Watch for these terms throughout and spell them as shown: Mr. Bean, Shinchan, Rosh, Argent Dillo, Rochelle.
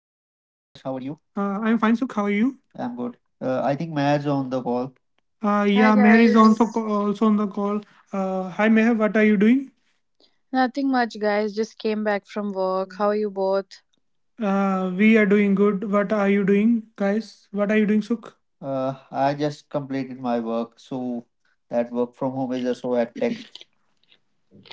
how are you? I am fine, Sukh. How are you? I'm good. I think Mads on the call. Uh, Hi yeah, Meher is also guys. also on the call. Hi, Meher. What are you doing? Nothing much guys, just came back from work. How are you both? We are doing good. What are you doing, guys? What are you doing, Sukh? I just completed my work, so that work from home is also so hectic.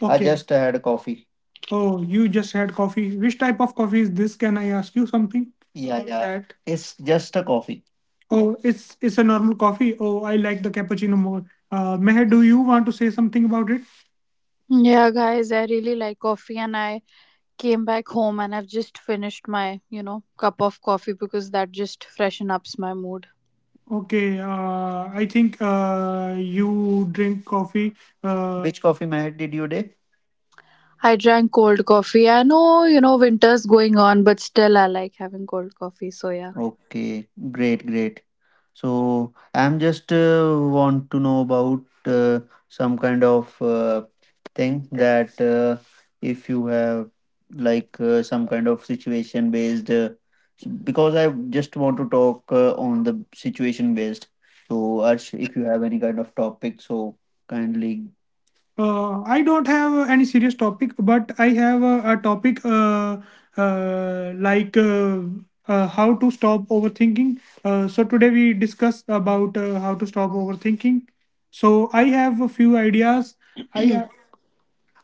I okay. Just had coffee. Oh, you just had coffee. Which type of coffee is this? Can I ask you something? Yeah, about yeah. That. It's just a coffee. Oh, it's a normal coffee. Oh, I like the cappuccino more. Meher, do you want to say something about it? Yeah guys, I really like coffee and I came back home and I've just finished my cup of coffee because that just freshen ups my mood. Okay. I think you drink coffee. Which coffee made did you day? I drank cold coffee. I know, winter's going on, but still I like having cold coffee, so yeah. Okay, great, great. So I'm just want to know about some kind of thing that if you have like some kind of situation based because I just want to talk on the situation based. So Arsh, if you have any kind of topic, so kindly I don't have any serious topic, but I have a topic like how to stop overthinking. So today we discuss about how to stop overthinking. So I have a few ideas. I have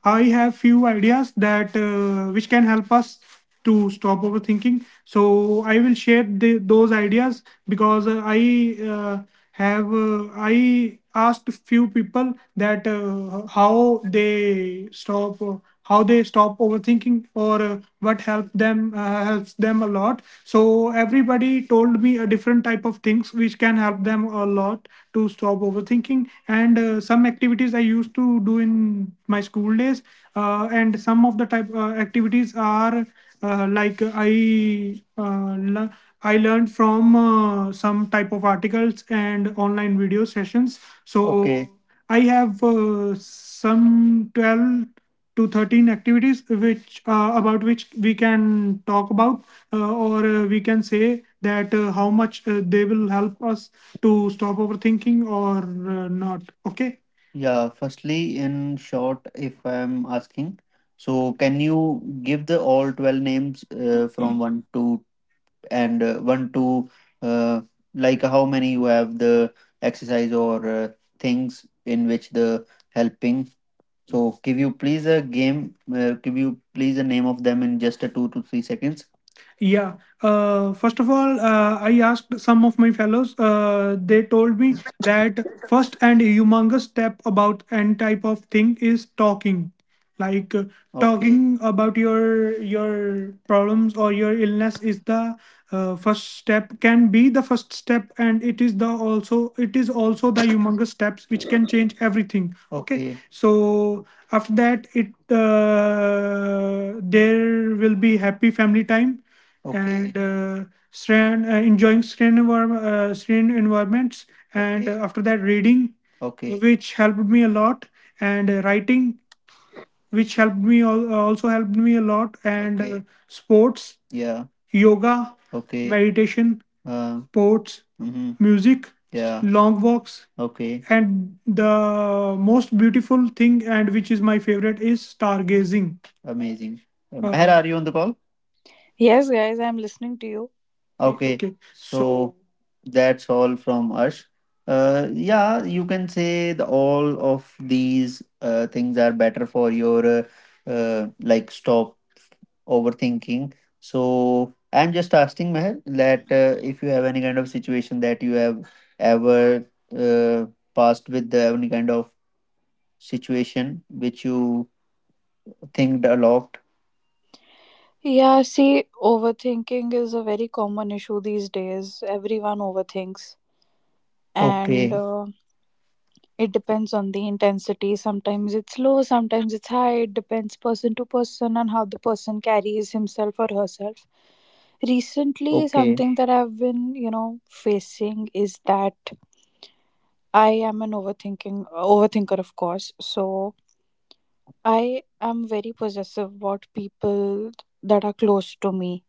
I have few ideas that which can help us to stop overthinking, so I will share those ideas because I have I asked few people that how they stop overthinking or what help them helps them a lot, so everybody told me a different type of things which can help them a lot to stop overthinking, and some activities I used to do in my school days, and some of the type activities are like I uh, le- I learned from some type of articles and online video sessions. Okay. So okay. I have some 12 to 13 activities which about which we can talk about or we can say that how much they will help us to stop overthinking or not okay. Yeah, firstly, in short, if I'm asking, so can you give the all 12 names from 1 to and 1 to uh, like how many you have the exercise or things in which the helping, so give you please a game give you please a name of them in just a 2 to 3 seconds, yeah. First of all, I asked some of my fellows. They told me that first and humongous step about and type of thing is talking, like okay. Talking about your problems or your illness is the first step. Can be the first step, and it is the also it is also the humongous steps which can change everything. Okay. Okay. So after that, it there will be happy family time. Okay. And serene, enjoying serene, serene environments, and okay, after that reading, okay, which helped me a lot, and writing which helped me also helped me a lot, and okay, sports. Yeah. Yoga, okay. Meditation. Sports. Mm-hmm. Music. Yeah. Long walks. Okay. And the most beautiful thing and which is my favorite is stargazing. Amazing. Meher, are you on the call? Yes guys, I'm listening to you. Okay, okay, so so that's all from us. Yeah, you can say all of these things are better for your like stop overthinking. So I'm just asking Meher that if you have any kind of situation that you have ever uh, passed with the, any kind of situation which you thinked a lot. Yeah, see, overthinking is a very common issue these days. Everyone overthinks and Okay, it depends on the intensity. Sometimes it's low, sometimes it's high. It depends person to person on how the person carries himself or herself. Recently, okay, something that I've been facing is that I am an overthinking overthinker, of course. So I am very possessive about people that are close to me.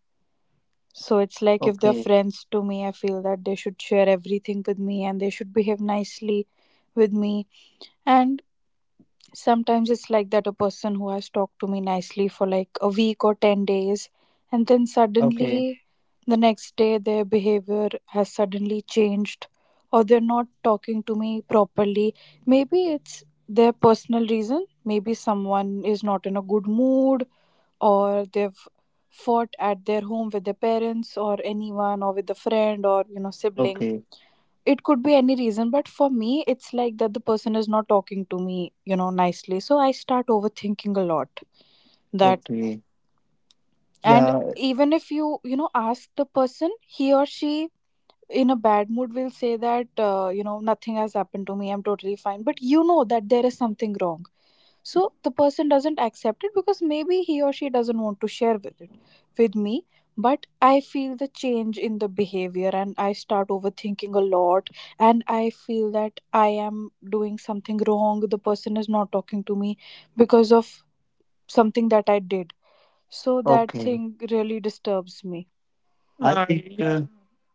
So it's like if they're okay, friends to me, I feel that they should share everything with me and they should behave nicely with me, and sometimes it's like that a person who has talked to me nicely for like a week or 10 days, and then okay, suddenly the next day their behavior has suddenly changed, or they're not talking to me properly. Maybe it's their personal reason, maybe someone is not in a good mood, or they've fought at their home with their parents, or anyone, or with a friend, or sibling. okay, It could be any reason, but for me it's like that the person is not talking to me nicely, so I start overthinking a lot, that, okay. and Yeah, even if you you know ask the person, he or she in a bad mood will say that nothing has happened to me, I'm totally fine. But you know that there is something wrong, so the person doesn't accept it, because maybe he or she doesn't want to share with it with me, but I feel the change in the behavior and I start overthinking a lot, and I feel that I am doing something wrong, the person is not talking to me because of something that I did, so that okay. thing really disturbs me. I think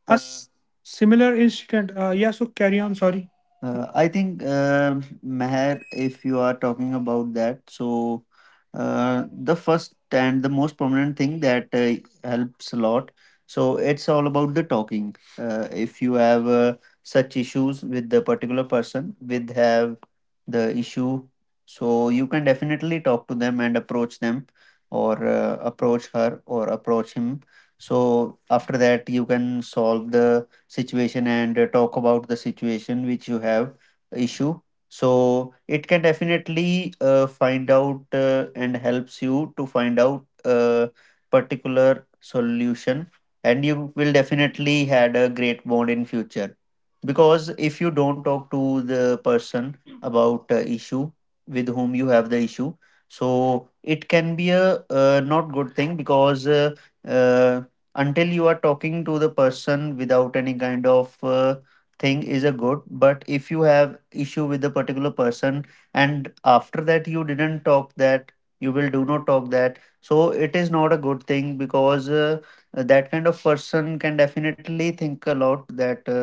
a similar incident. Yeah, so carry on. Sorry. I think Meher, if you are talking about that, so the first and the most prominent thing that helps a lot. So it's all about the talking. If you have such issues with the particular person, with have the issue, so you can definitely talk to them and approach them, or approach her, or approach him, so after that you can solve the situation and talk about the situation which you have issue, so it can definitely find out and helps you to find out a particular solution, and you will definitely had a great bond in future, because if you don't talk to the person about issue with whom you have the issue, so it can be a not good thing, because uh, until you are talking to the person without any kind of thing is a good, but if you have issue with the particular person and after that you didn't talk, that you will do not talk that, so it is not a good thing because that kind of person can definitely think a lot that uh,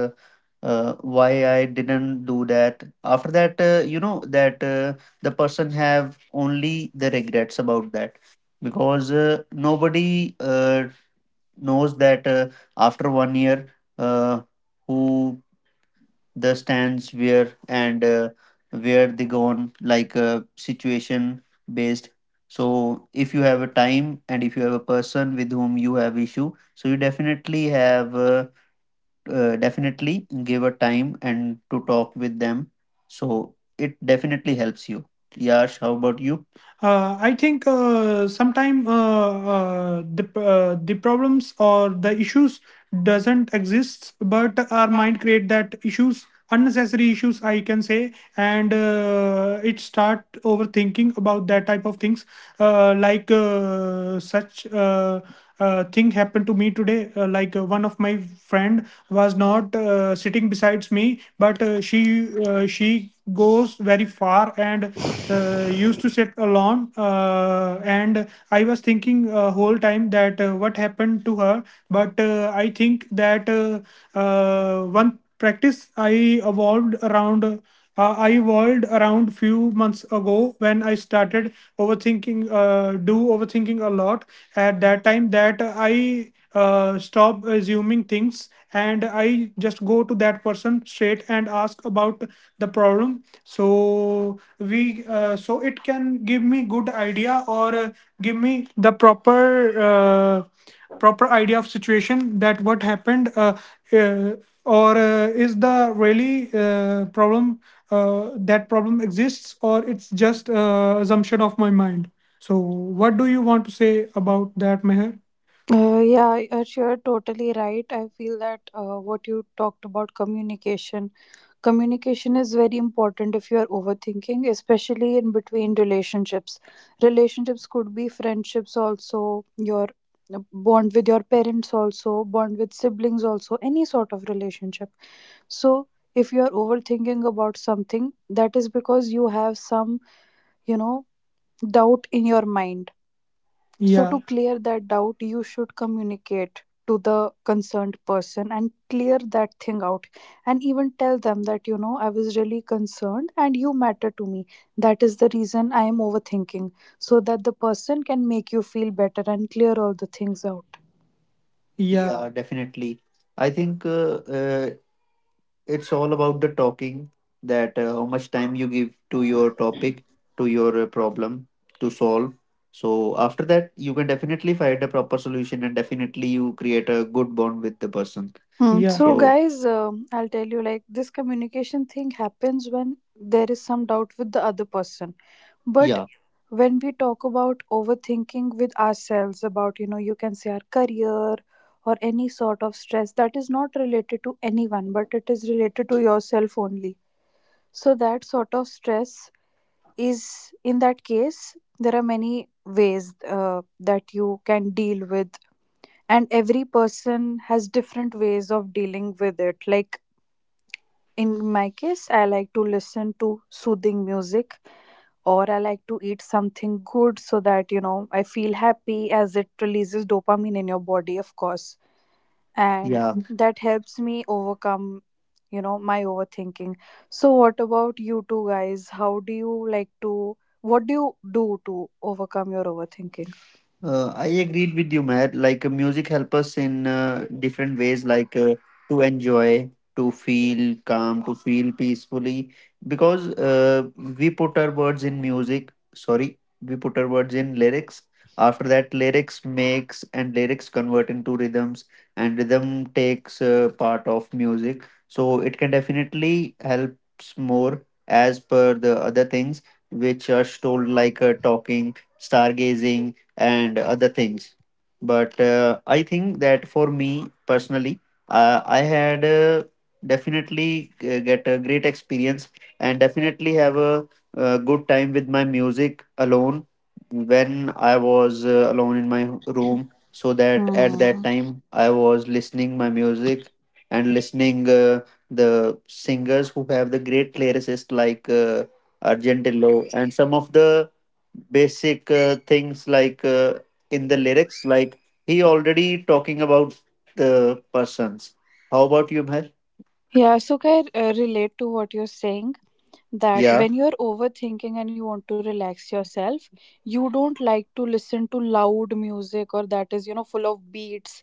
uh, why I didn't do that, after that you know that the person have only the regrets about that because nobody knows that after 1 year uh, who the stands where and where they go on, like situation based. So if you have a time and if you have a person with whom you have issue, so you definitely have definitely give a time and to talk with them. So it definitely helps you. Yash, how about you? I think sometime the problems or the issues doesn't exist, but our mind create that issues, unnecessary issues, I can say, and it start overthinking about that type of things. Like such thing happened to me today. Like one of my friend was not sitting besides me, but she goes very far and used to sit alone, and I was thinking whole time that what happened to her, but I think that one practice I evolved around. I evolved around few months ago when I started overthinking. Do overthinking a lot at that time, that I stop assuming things and I just go to that person straight and ask about the problem. So we so it can give me good idea or give me the proper. Proper idea of situation that what happened uh, or is the really problem that problem exists or it's just assumption of my mind. So what do you want to say about that, Meher? Yeah, Arsh, you're totally right. I feel that what you talked about communication is very important if you're overthinking, especially in between relationships. Relationships could be friendships, also your bond with your parents, also bond with siblings, also any sort of relationship. So, if you're overthinking about something, that is because you have some, you know, doubt in your mind, so, to Yeah, clear that doubt, you should communicate to the concerned person and clear that thing out, and even tell them that I was really concerned and you matter to me. That is the reason I am overthinking, so that the person can make you feel better and clear all the things out. yeah. Yeah, definitely. I think it's all about the talking that how much time you give to your topic, to your problem to solve. So after that, you can definitely find a proper solution and definitely you create a good bond with the person. Hmm. Yeah. So, So, guys, I'll tell you, like this communication thing happens when there is some doubt with the other person. But yeah. when we talk about overthinking with ourselves about you can say our career or any sort of stress that is not related to anyone but it is related to yourself only, so that sort of stress is, in that case, there are many ways that you can deal with, and every person has different ways of dealing with it. Like in my case, I like to listen to soothing music, or I like to eat something good so that I feel happy, as it releases dopamine in your body, of course. And Yeah, that helps me overcome my overthinking. So, what about you two guys? How do you like to, what do you do to overcome your overthinking? uh, I agreed with you, Matt. Like music help us in different ways, like to enjoy, to feel calm, to feel peacefully, because we put our words in music. Sorry, we put our words in lyrics. After that, lyrics makes, and lyrics convert into rhythms, and rhythm takes part of music. So it can definitely helps more as per the other things which are told, like talking, stargazing and other things. But I think that for me personally, I had definitely get a great experience and definitely have a uh, good time with my music alone when I was alone in my room. So that at that Hmm. time I was listening my music and listening the singers who have the great lyricists, like Argent Dillo and some of the basic things, like in the lyrics, like he already talking about the persons. How about you, Meher? Yeah, so I relate to what you're saying, that Yeah, when you're overthinking and you want to relax yourself, you don't like to listen to loud music, or that is full of beats.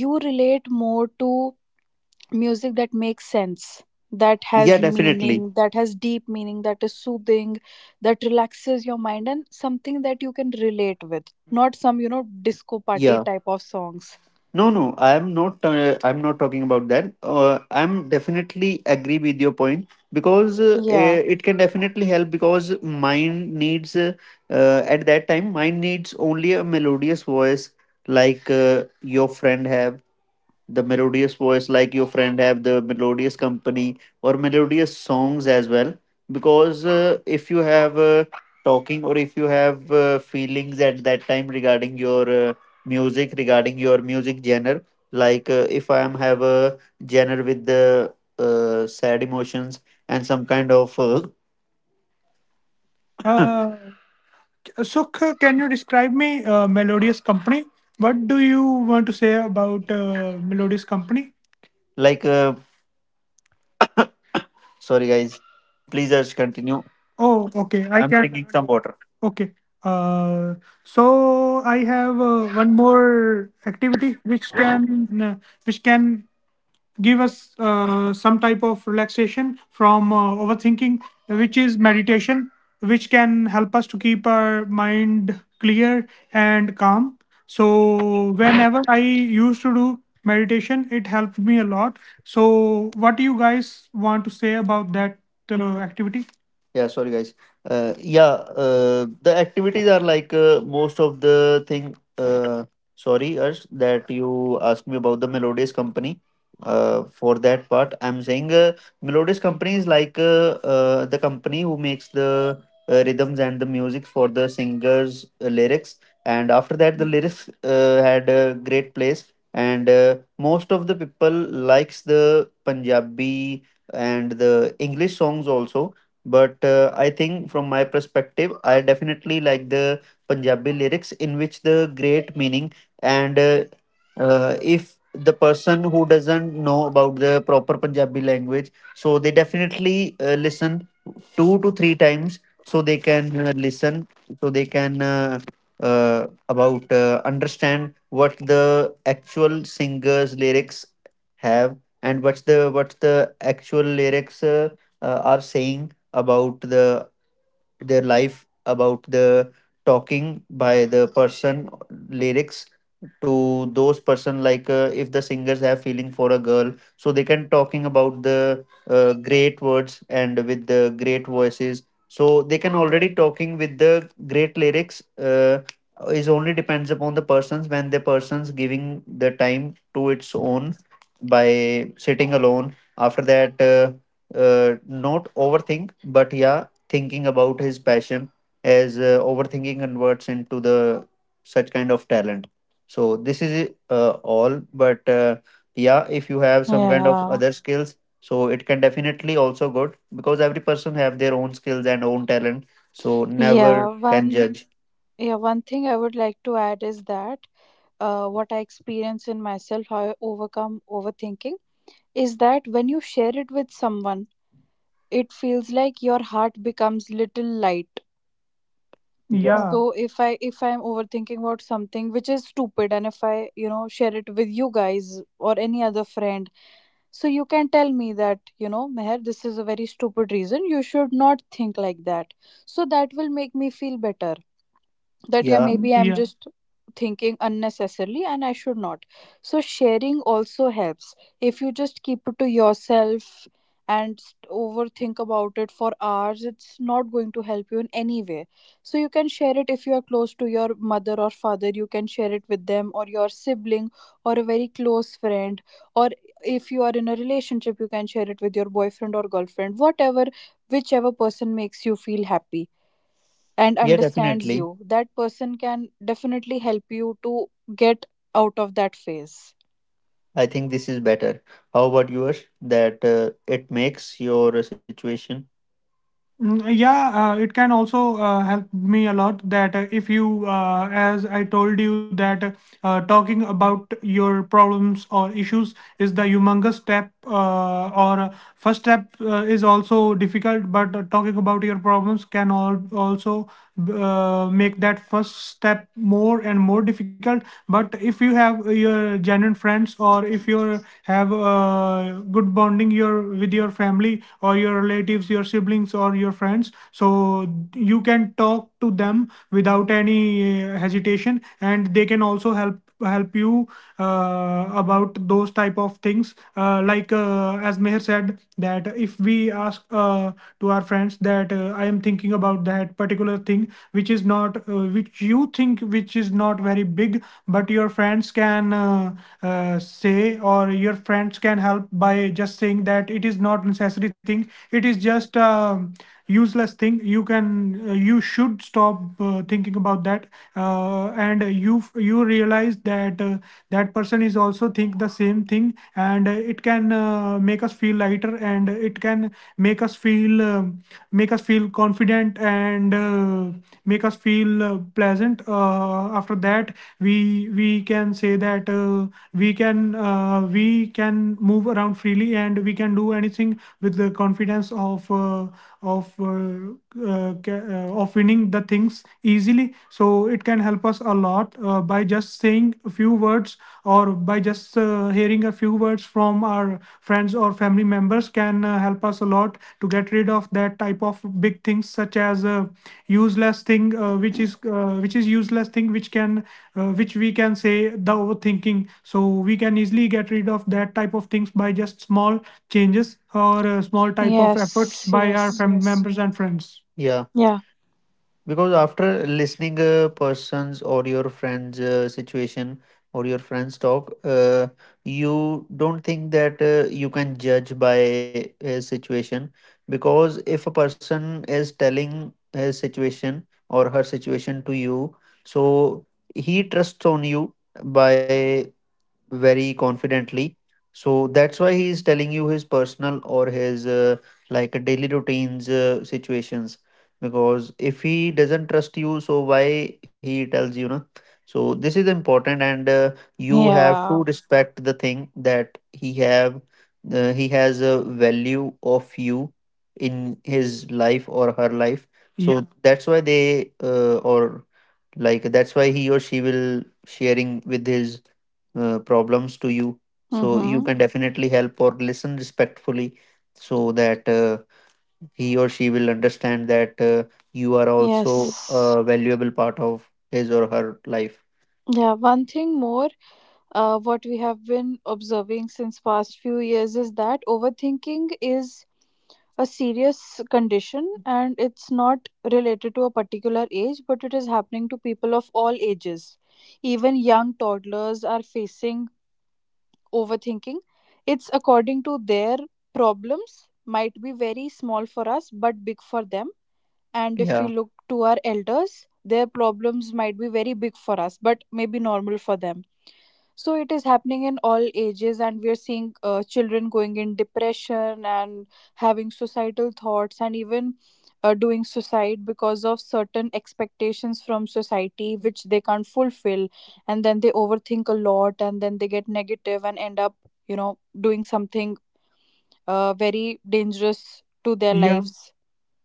You relate more to music that makes sense, that yeah, has meaning, definitely, that has deep meaning, that is soothing, that relaxes your mind, and something that you can relate with, not some disco party yeah. type of songs. No, no, I'm not. I'm not talking about that. I'm definitely agree with your point because Yeah, it can definitely help because mind needs at that time mind needs only a melodious voice, like your friend have the melodious voice, like your friend have the melodious company or melodious songs as well, because if you have talking or if you have feelings at that time regarding your music, regarding your music genre, like if I am have a genre with the sad emotions and some kind of Uh, Sukh, can you describe me Melodious Company? What do you want to say about Melodious Company? Like sorry, guys. Please just continue. Oh, okay. I'm can. Drinking some water. Okay. Uh, so I have one more activity which can which can give us some type of relaxation from overthinking, which is meditation, which can help us to keep our mind clear and calm. So, whenever I used to do meditation, it helped me a lot. So, what do you guys want to say about that activity? Yeah, sorry guys. Yeah, the activities are like most of the thing. Sorry, Arsh, that you asked me about the Melodious Company. For that part, I'm saying Melodious Company is like the company who makes the rhythms and the music for the singers' lyrics. And after that, the lyrics had a great place, and most of the people likes the Punjabi and the English songs also, but I think from my perspective I definitely like the Punjabi lyrics in which the great meaning, and if the person who doesn't know about the proper Punjabi language, so they definitely listen two to three times, so they can listen, so they can about understand what the actual singer's lyrics have, and what the actual lyrics are saying about the their life, about the talking by the person lyrics to those person, like if the singers have feeling for a girl, so they can talking about the great words and with the great voices, so they can already talking with the great lyrics is only depends upon the persons. When the person's giving the time to its own by sitting alone, after that not overthink, but yeah, thinking about his passion, as overthinking converts into the such kind of talent. So this is all. But yeah, if you have some kind of yeah, other skills, so it can definitely also good, because every person have their own skills and own talent, so never yeah, can judge. One thing I would like to add is that what I experience in myself, how I overcome overthinking, is that when you share it with someone, it feels like your heart becomes little light. Yeah, So if I'm overthinking about something which is stupid, and if I share it with you guys or any other friend, so you can tell me that Meher, this is a very stupid reason, you should not think like that. So that will make me feel better, that yeah, yeah, maybe I'm yeah, just thinking unnecessarily and I should not. So sharing also helps. If you just keep it to yourself and overthink about it for hours, it's not going to help you in any way. So you can share it. If you are close to your mother or father, you can share it with them, or your sibling, or a very close friend, or if you are in a relationship, you can share it with your boyfriend or girlfriend, whatever, whichever person makes you feel happy and yeah, understands definitely. you, that person can definitely help you to get out of that phase. I think this is better. How about yours? That it makes your situation. Mm, yeah, it can also help me a lot that if you, as I told you, that talking about your problems or issues is the humongous step, or first step is also difficult, but talking about your problems also make that first step more and more difficult. But if you have your genuine friends, or if you have good bonding your with your family or your relatives, your siblings or your friends, so you can talk to them without any hesitation, and they can also help you about those type of things, like, as Meher said, that if we ask to our friends that I am thinking about that particular thing which is not which you think which is not very big, but your friends can say, or your friends can help by just saying that it is not necessary thing, everything, it is just a useless thing. You can you should stop thinking about that, and you realize that that person is also think the same thing, and it can make us feel lighter, and it can make us feel um make us feel confident, and make us feel pleasant. After that we we can say that we can we can move around freely, and we can do anything with the confidence of of uh, of winning the things easily. So it can help us a lot by just saying a few words, or by just hearing a few words from our friends or family members can help us a lot to get rid of that type of big things, such as useless thing, which is useless thing, which can which we can say the overthinking. So we can easily get rid of that type of things by just small changes or small type of efforts Yes, by our yes, family yes. members and friends. Yeah. Yeah, Because after listening a person's or your friend's situation or your friend's talk, you don't think that you can judge by his situation. Because if a person is telling his situation or her situation to you, so he trusts on you by very confidently. So that's why he is telling you his personal or his like a daily routines situations. Because if he doesn't trust you, so why he tells you, na? So this is important, and you have to yeah. respect the thing that he have. He has a value of you in his life or her life. Yeah. So that's why they or like that's why he or she will sharing with his problems to you, so you Mm-hmm. can definitely help or listen respectfully, so that he or she will understand that you are also Yes. a valuable part of his or her life. Yeah, one thing more, what we have been observing since past few years is that overthinking is a serious condition, and it's not related to a particular age, but it is happening to people of all ages. Even young toddlers are facing overthinking. It's according to their problems, might be very small for us, but big for them. And if we Yeah, look to our elders, their problems might be very big for us, but maybe normal for them. So it is happening in all ages, and we are seeing children going in depression and having suicidal thoughts, and even doing suicide because of certain expectations from society which they can't fulfill, and then they overthink a lot and then they get negative and end up you know doing something very dangerous to their yeah, lives.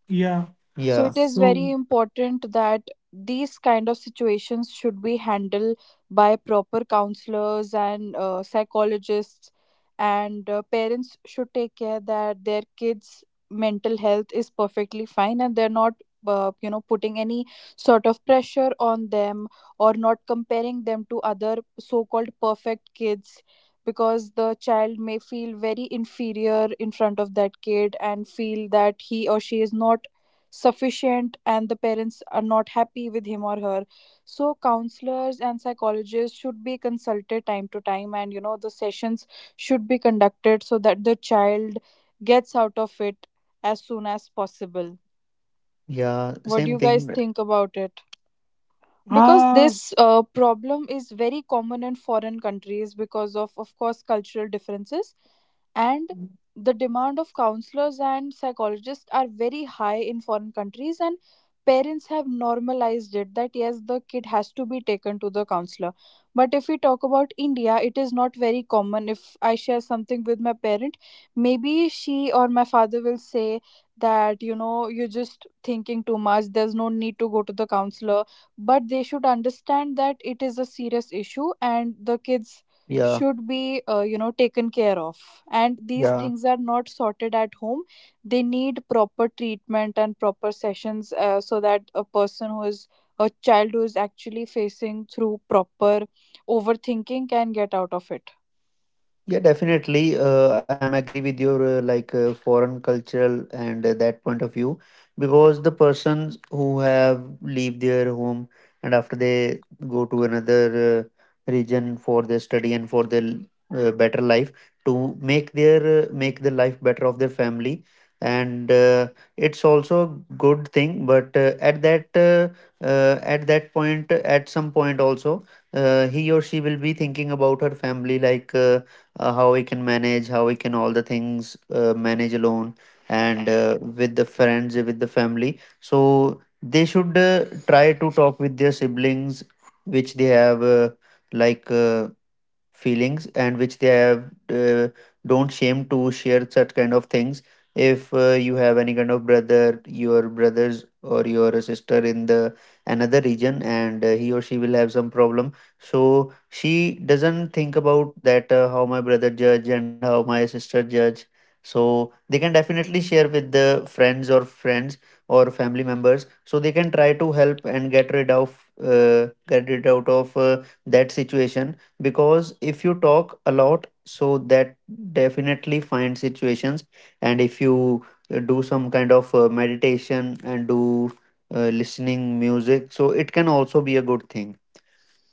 yeah, So yeah, it is very so important that these kind of situations should be handled by proper counselors and psychologists, and parents should take care that their kids mental health is perfectly fine and they're not putting any sort of pressure on them, or not comparing them to other so called perfect kids, because the child may feel very inferior in front of that kid and feel that he or she is not sufficient and the parents are not happy with him or her. So counselors and psychologists should be consulted time to time, and the sessions should be conducted so that the child gets out of it as soon as possible. yeah, What do same you guys thing, think about it, because uh this problem is very common in foreign countries because of course, cultural differences, and the demand of counselors and psychologists are very high in foreign countries, and parents have normalized it that yes, the kid has to be taken to the counselor. But if we talk about India, it is not very common. If I share something with my parent, maybe she or my father will say that you're just thinking too much, there's no need to go to the counselor. But they should understand that it is a serious issue and the kids yeah, should be taken care of, and these yeah. things are not sorted at home, they need proper treatment and proper sessions, so that a person who is a child who is actually facing through proper overthinking can get out of it. Yeah, definitely. I'm agree with your like foreign cultural and that point of view, because the persons who have leave their home, and after they go to another region for their study and for their better life, to make their make the life better of their family, and it's also a good thing. But at that point, at some point also, he or she will be thinking about her family, like how we can manage, how we can all the things manage alone, and with the friends, with the family, so they should try to talk with their siblings which they have like feelings, and which they have uh, don't shame to share such kind of things. If you have any kind of brother, your brothers or your sister in the another region, and he or she will have some problem, so she doesn't think about that how my brother judge and how my sister judge, so they can definitely share with the friends or family members, so they can try to help and get rid out of that situation. Because if you talk a lot, so that definitely find situations. And if you do some kind of meditation and do listening music, so it can also be a good thing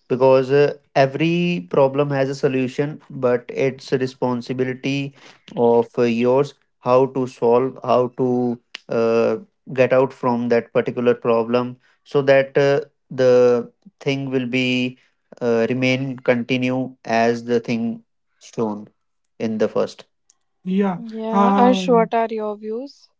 because every problem has a solution. But it's a responsibility of yours how to solve, how to uh, get out from that particular problem, so that the thing will be remain continue as the thing shown in the first. Yeah. Yeah, Uh, Ash, what are your views?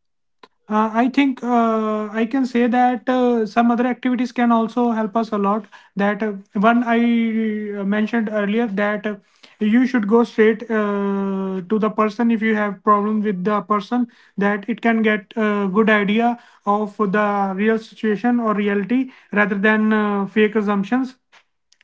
I think I can say that some other activities can also help us a lot. That one I mentioned earlier, that you should go straight to the person if you have problem with the person. That it can get a good idea of the real situation or reality rather than fake assumptions,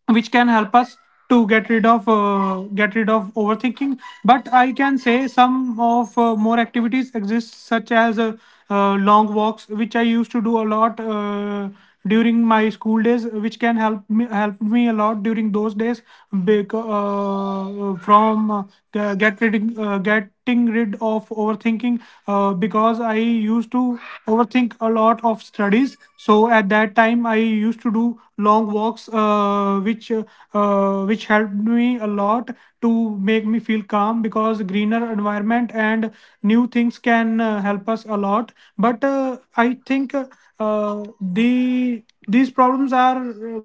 which can help us to get rid of overthinking. But I can say some of more activities exist, such as long walks which I used to do a lot during my school days, which can help me a lot during those days, because from g- get rid, getting rid of overthinking, because I used to overthink a lot of studies, so at that time I used to do long walks, which helped me a lot to make me feel calm, because greener environment and new things can help us a lot. But I think uh, the these problems are uh,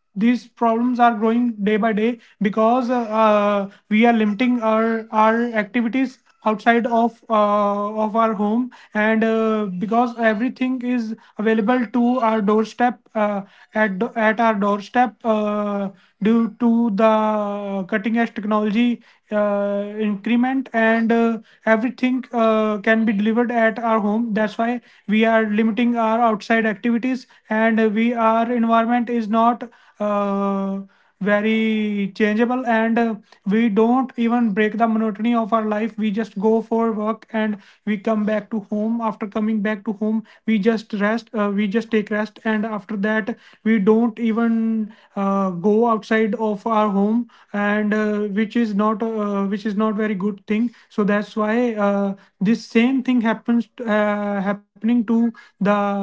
growing day by day, because we are limiting our activities outside of our home, and because everything is available to our doorstep, at our doorstep, due to the cutting edge technology increment, and everything can be delivered at our home. That's why we are limiting our outside activities, and we our environment is not uh, very changeable, and we don't even break the monotony of our life. We just go for work and we come back to home. After coming back to home, we just rest, we just take rest. And after that, we don't even go outside of our home, and which is not very good thing. So that's why this same thing happens happening to the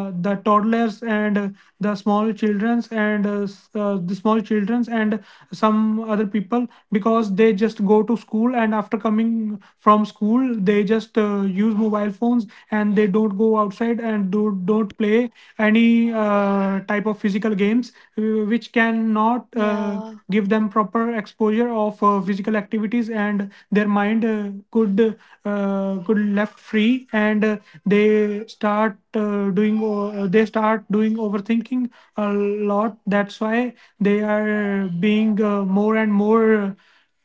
the toddlers, and the small childrens, and the small childrens and some other people, because they just go to school, and after coming from school they just use mobile phones, and they don't go outside and do, don't play any type of physical games, which cannot Yeah, give them proper exposure of physical activities, and their mind could could left free, and they start doing overthinking a lot. That's why they are being more and more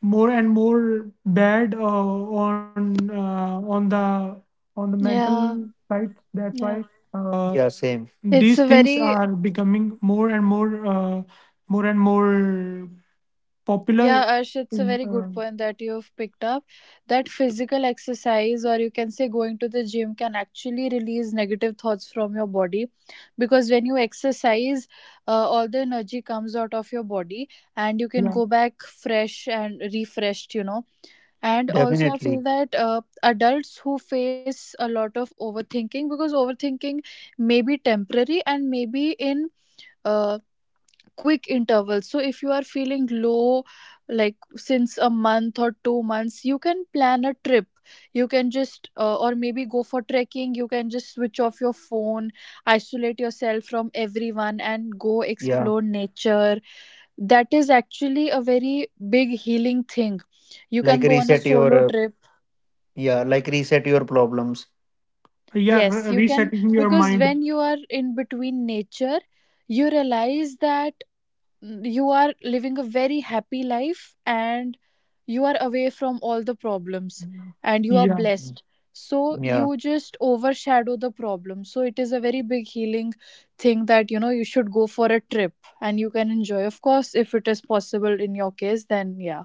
bad on the mental yeah, side. That's why yeah. Yeah, same It's these a things very are becoming more and more Yeah, popular. Arsh, it's a very uh, good point that you've picked up, that physical exercise, or you can say going to the gym, can actually release negative thoughts from your body. Because when you exercise, all the energy comes out of your body and you can yeah, go back fresh and refreshed, you know. And also, I feel definitely. that adults who face a lot of overthinking, because overthinking may be temporary and maybe in Uh, quick intervals. So if you are feeling low like since a month or 2 months, you can plan a trip, you can just or maybe go for trekking. You can just switch off your phone, isolate yourself from everyone, and go Yeah, explore nature. That is actually a very big healing thing. You like can go on a reset solo your trip, yeah, like reset your problems, yeah, yes you can, resetting your because mind, when you are in between nature you realize that you are living a very happy life, and you are away from all the problems and you are yeah. blessed, so Yeah, you just overshadow the problem. So it is a very big healing thing that you should go for a trip, and you can enjoy, of course, if it is possible in your case, then yeah.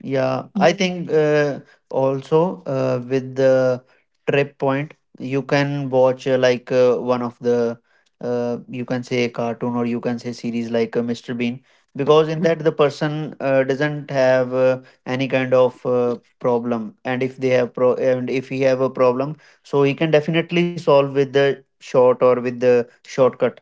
yeah, I think also with the trip point, you can watch like one of the you can say cartoon, or you can say series like Mr. Bean, because in that the person doesn't have any kind of problem, and if they have pro and if he have a problem, so he can definitely solve with the shortcut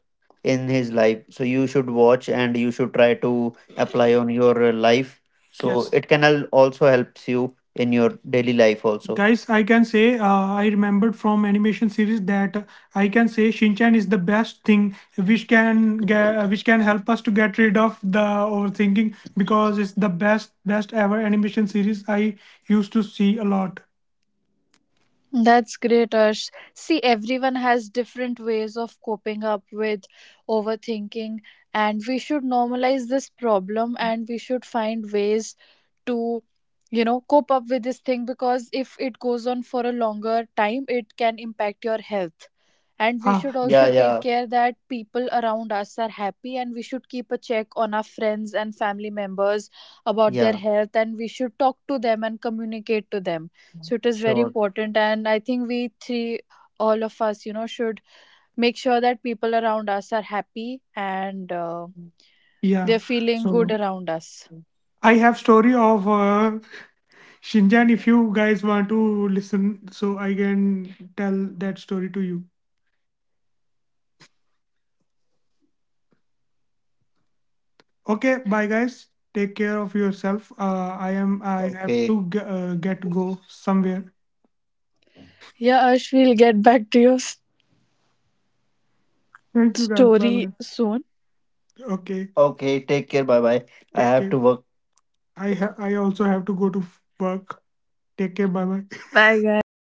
in his life. So you should watch and you should try to apply on your life. So, yes, it can also helps you in your daily life also. Guys, I can say I remembered from animation series that I can say Shinchan is the best thing which can help us to get rid of the overthinking, because it's the best ever animation series I used to see a lot. That's great, Arsh. See, everyone has different ways of coping up with overthinking, and we should normalize this problem and we should find ways to, cope up with this thing, because if it goes on for a longer time, it can impact your health. And we Ah, should yeah, also take yeah, care that people around us are happy, and we should keep a check on our friends and family members about their yeah, health, and we should talk to them and communicate to them, so it is very sure, important. And I think we three, all of us, should make sure that people around us are happy and yeah. they're feeling good So around us. I have story of Shinjan, if you guys want to listen, so I can tell that story to you. Okay, bye guys. Take care of yourself. I am. I have to g- get go somewhere. Yeah, Ash, we'll get back to your Thank you guys. Bye story bye. soon. Okay. Okay, take care. Bye bye. I Take have care. To work. I also have to go to work. Take care. Bye bye. Bye guys.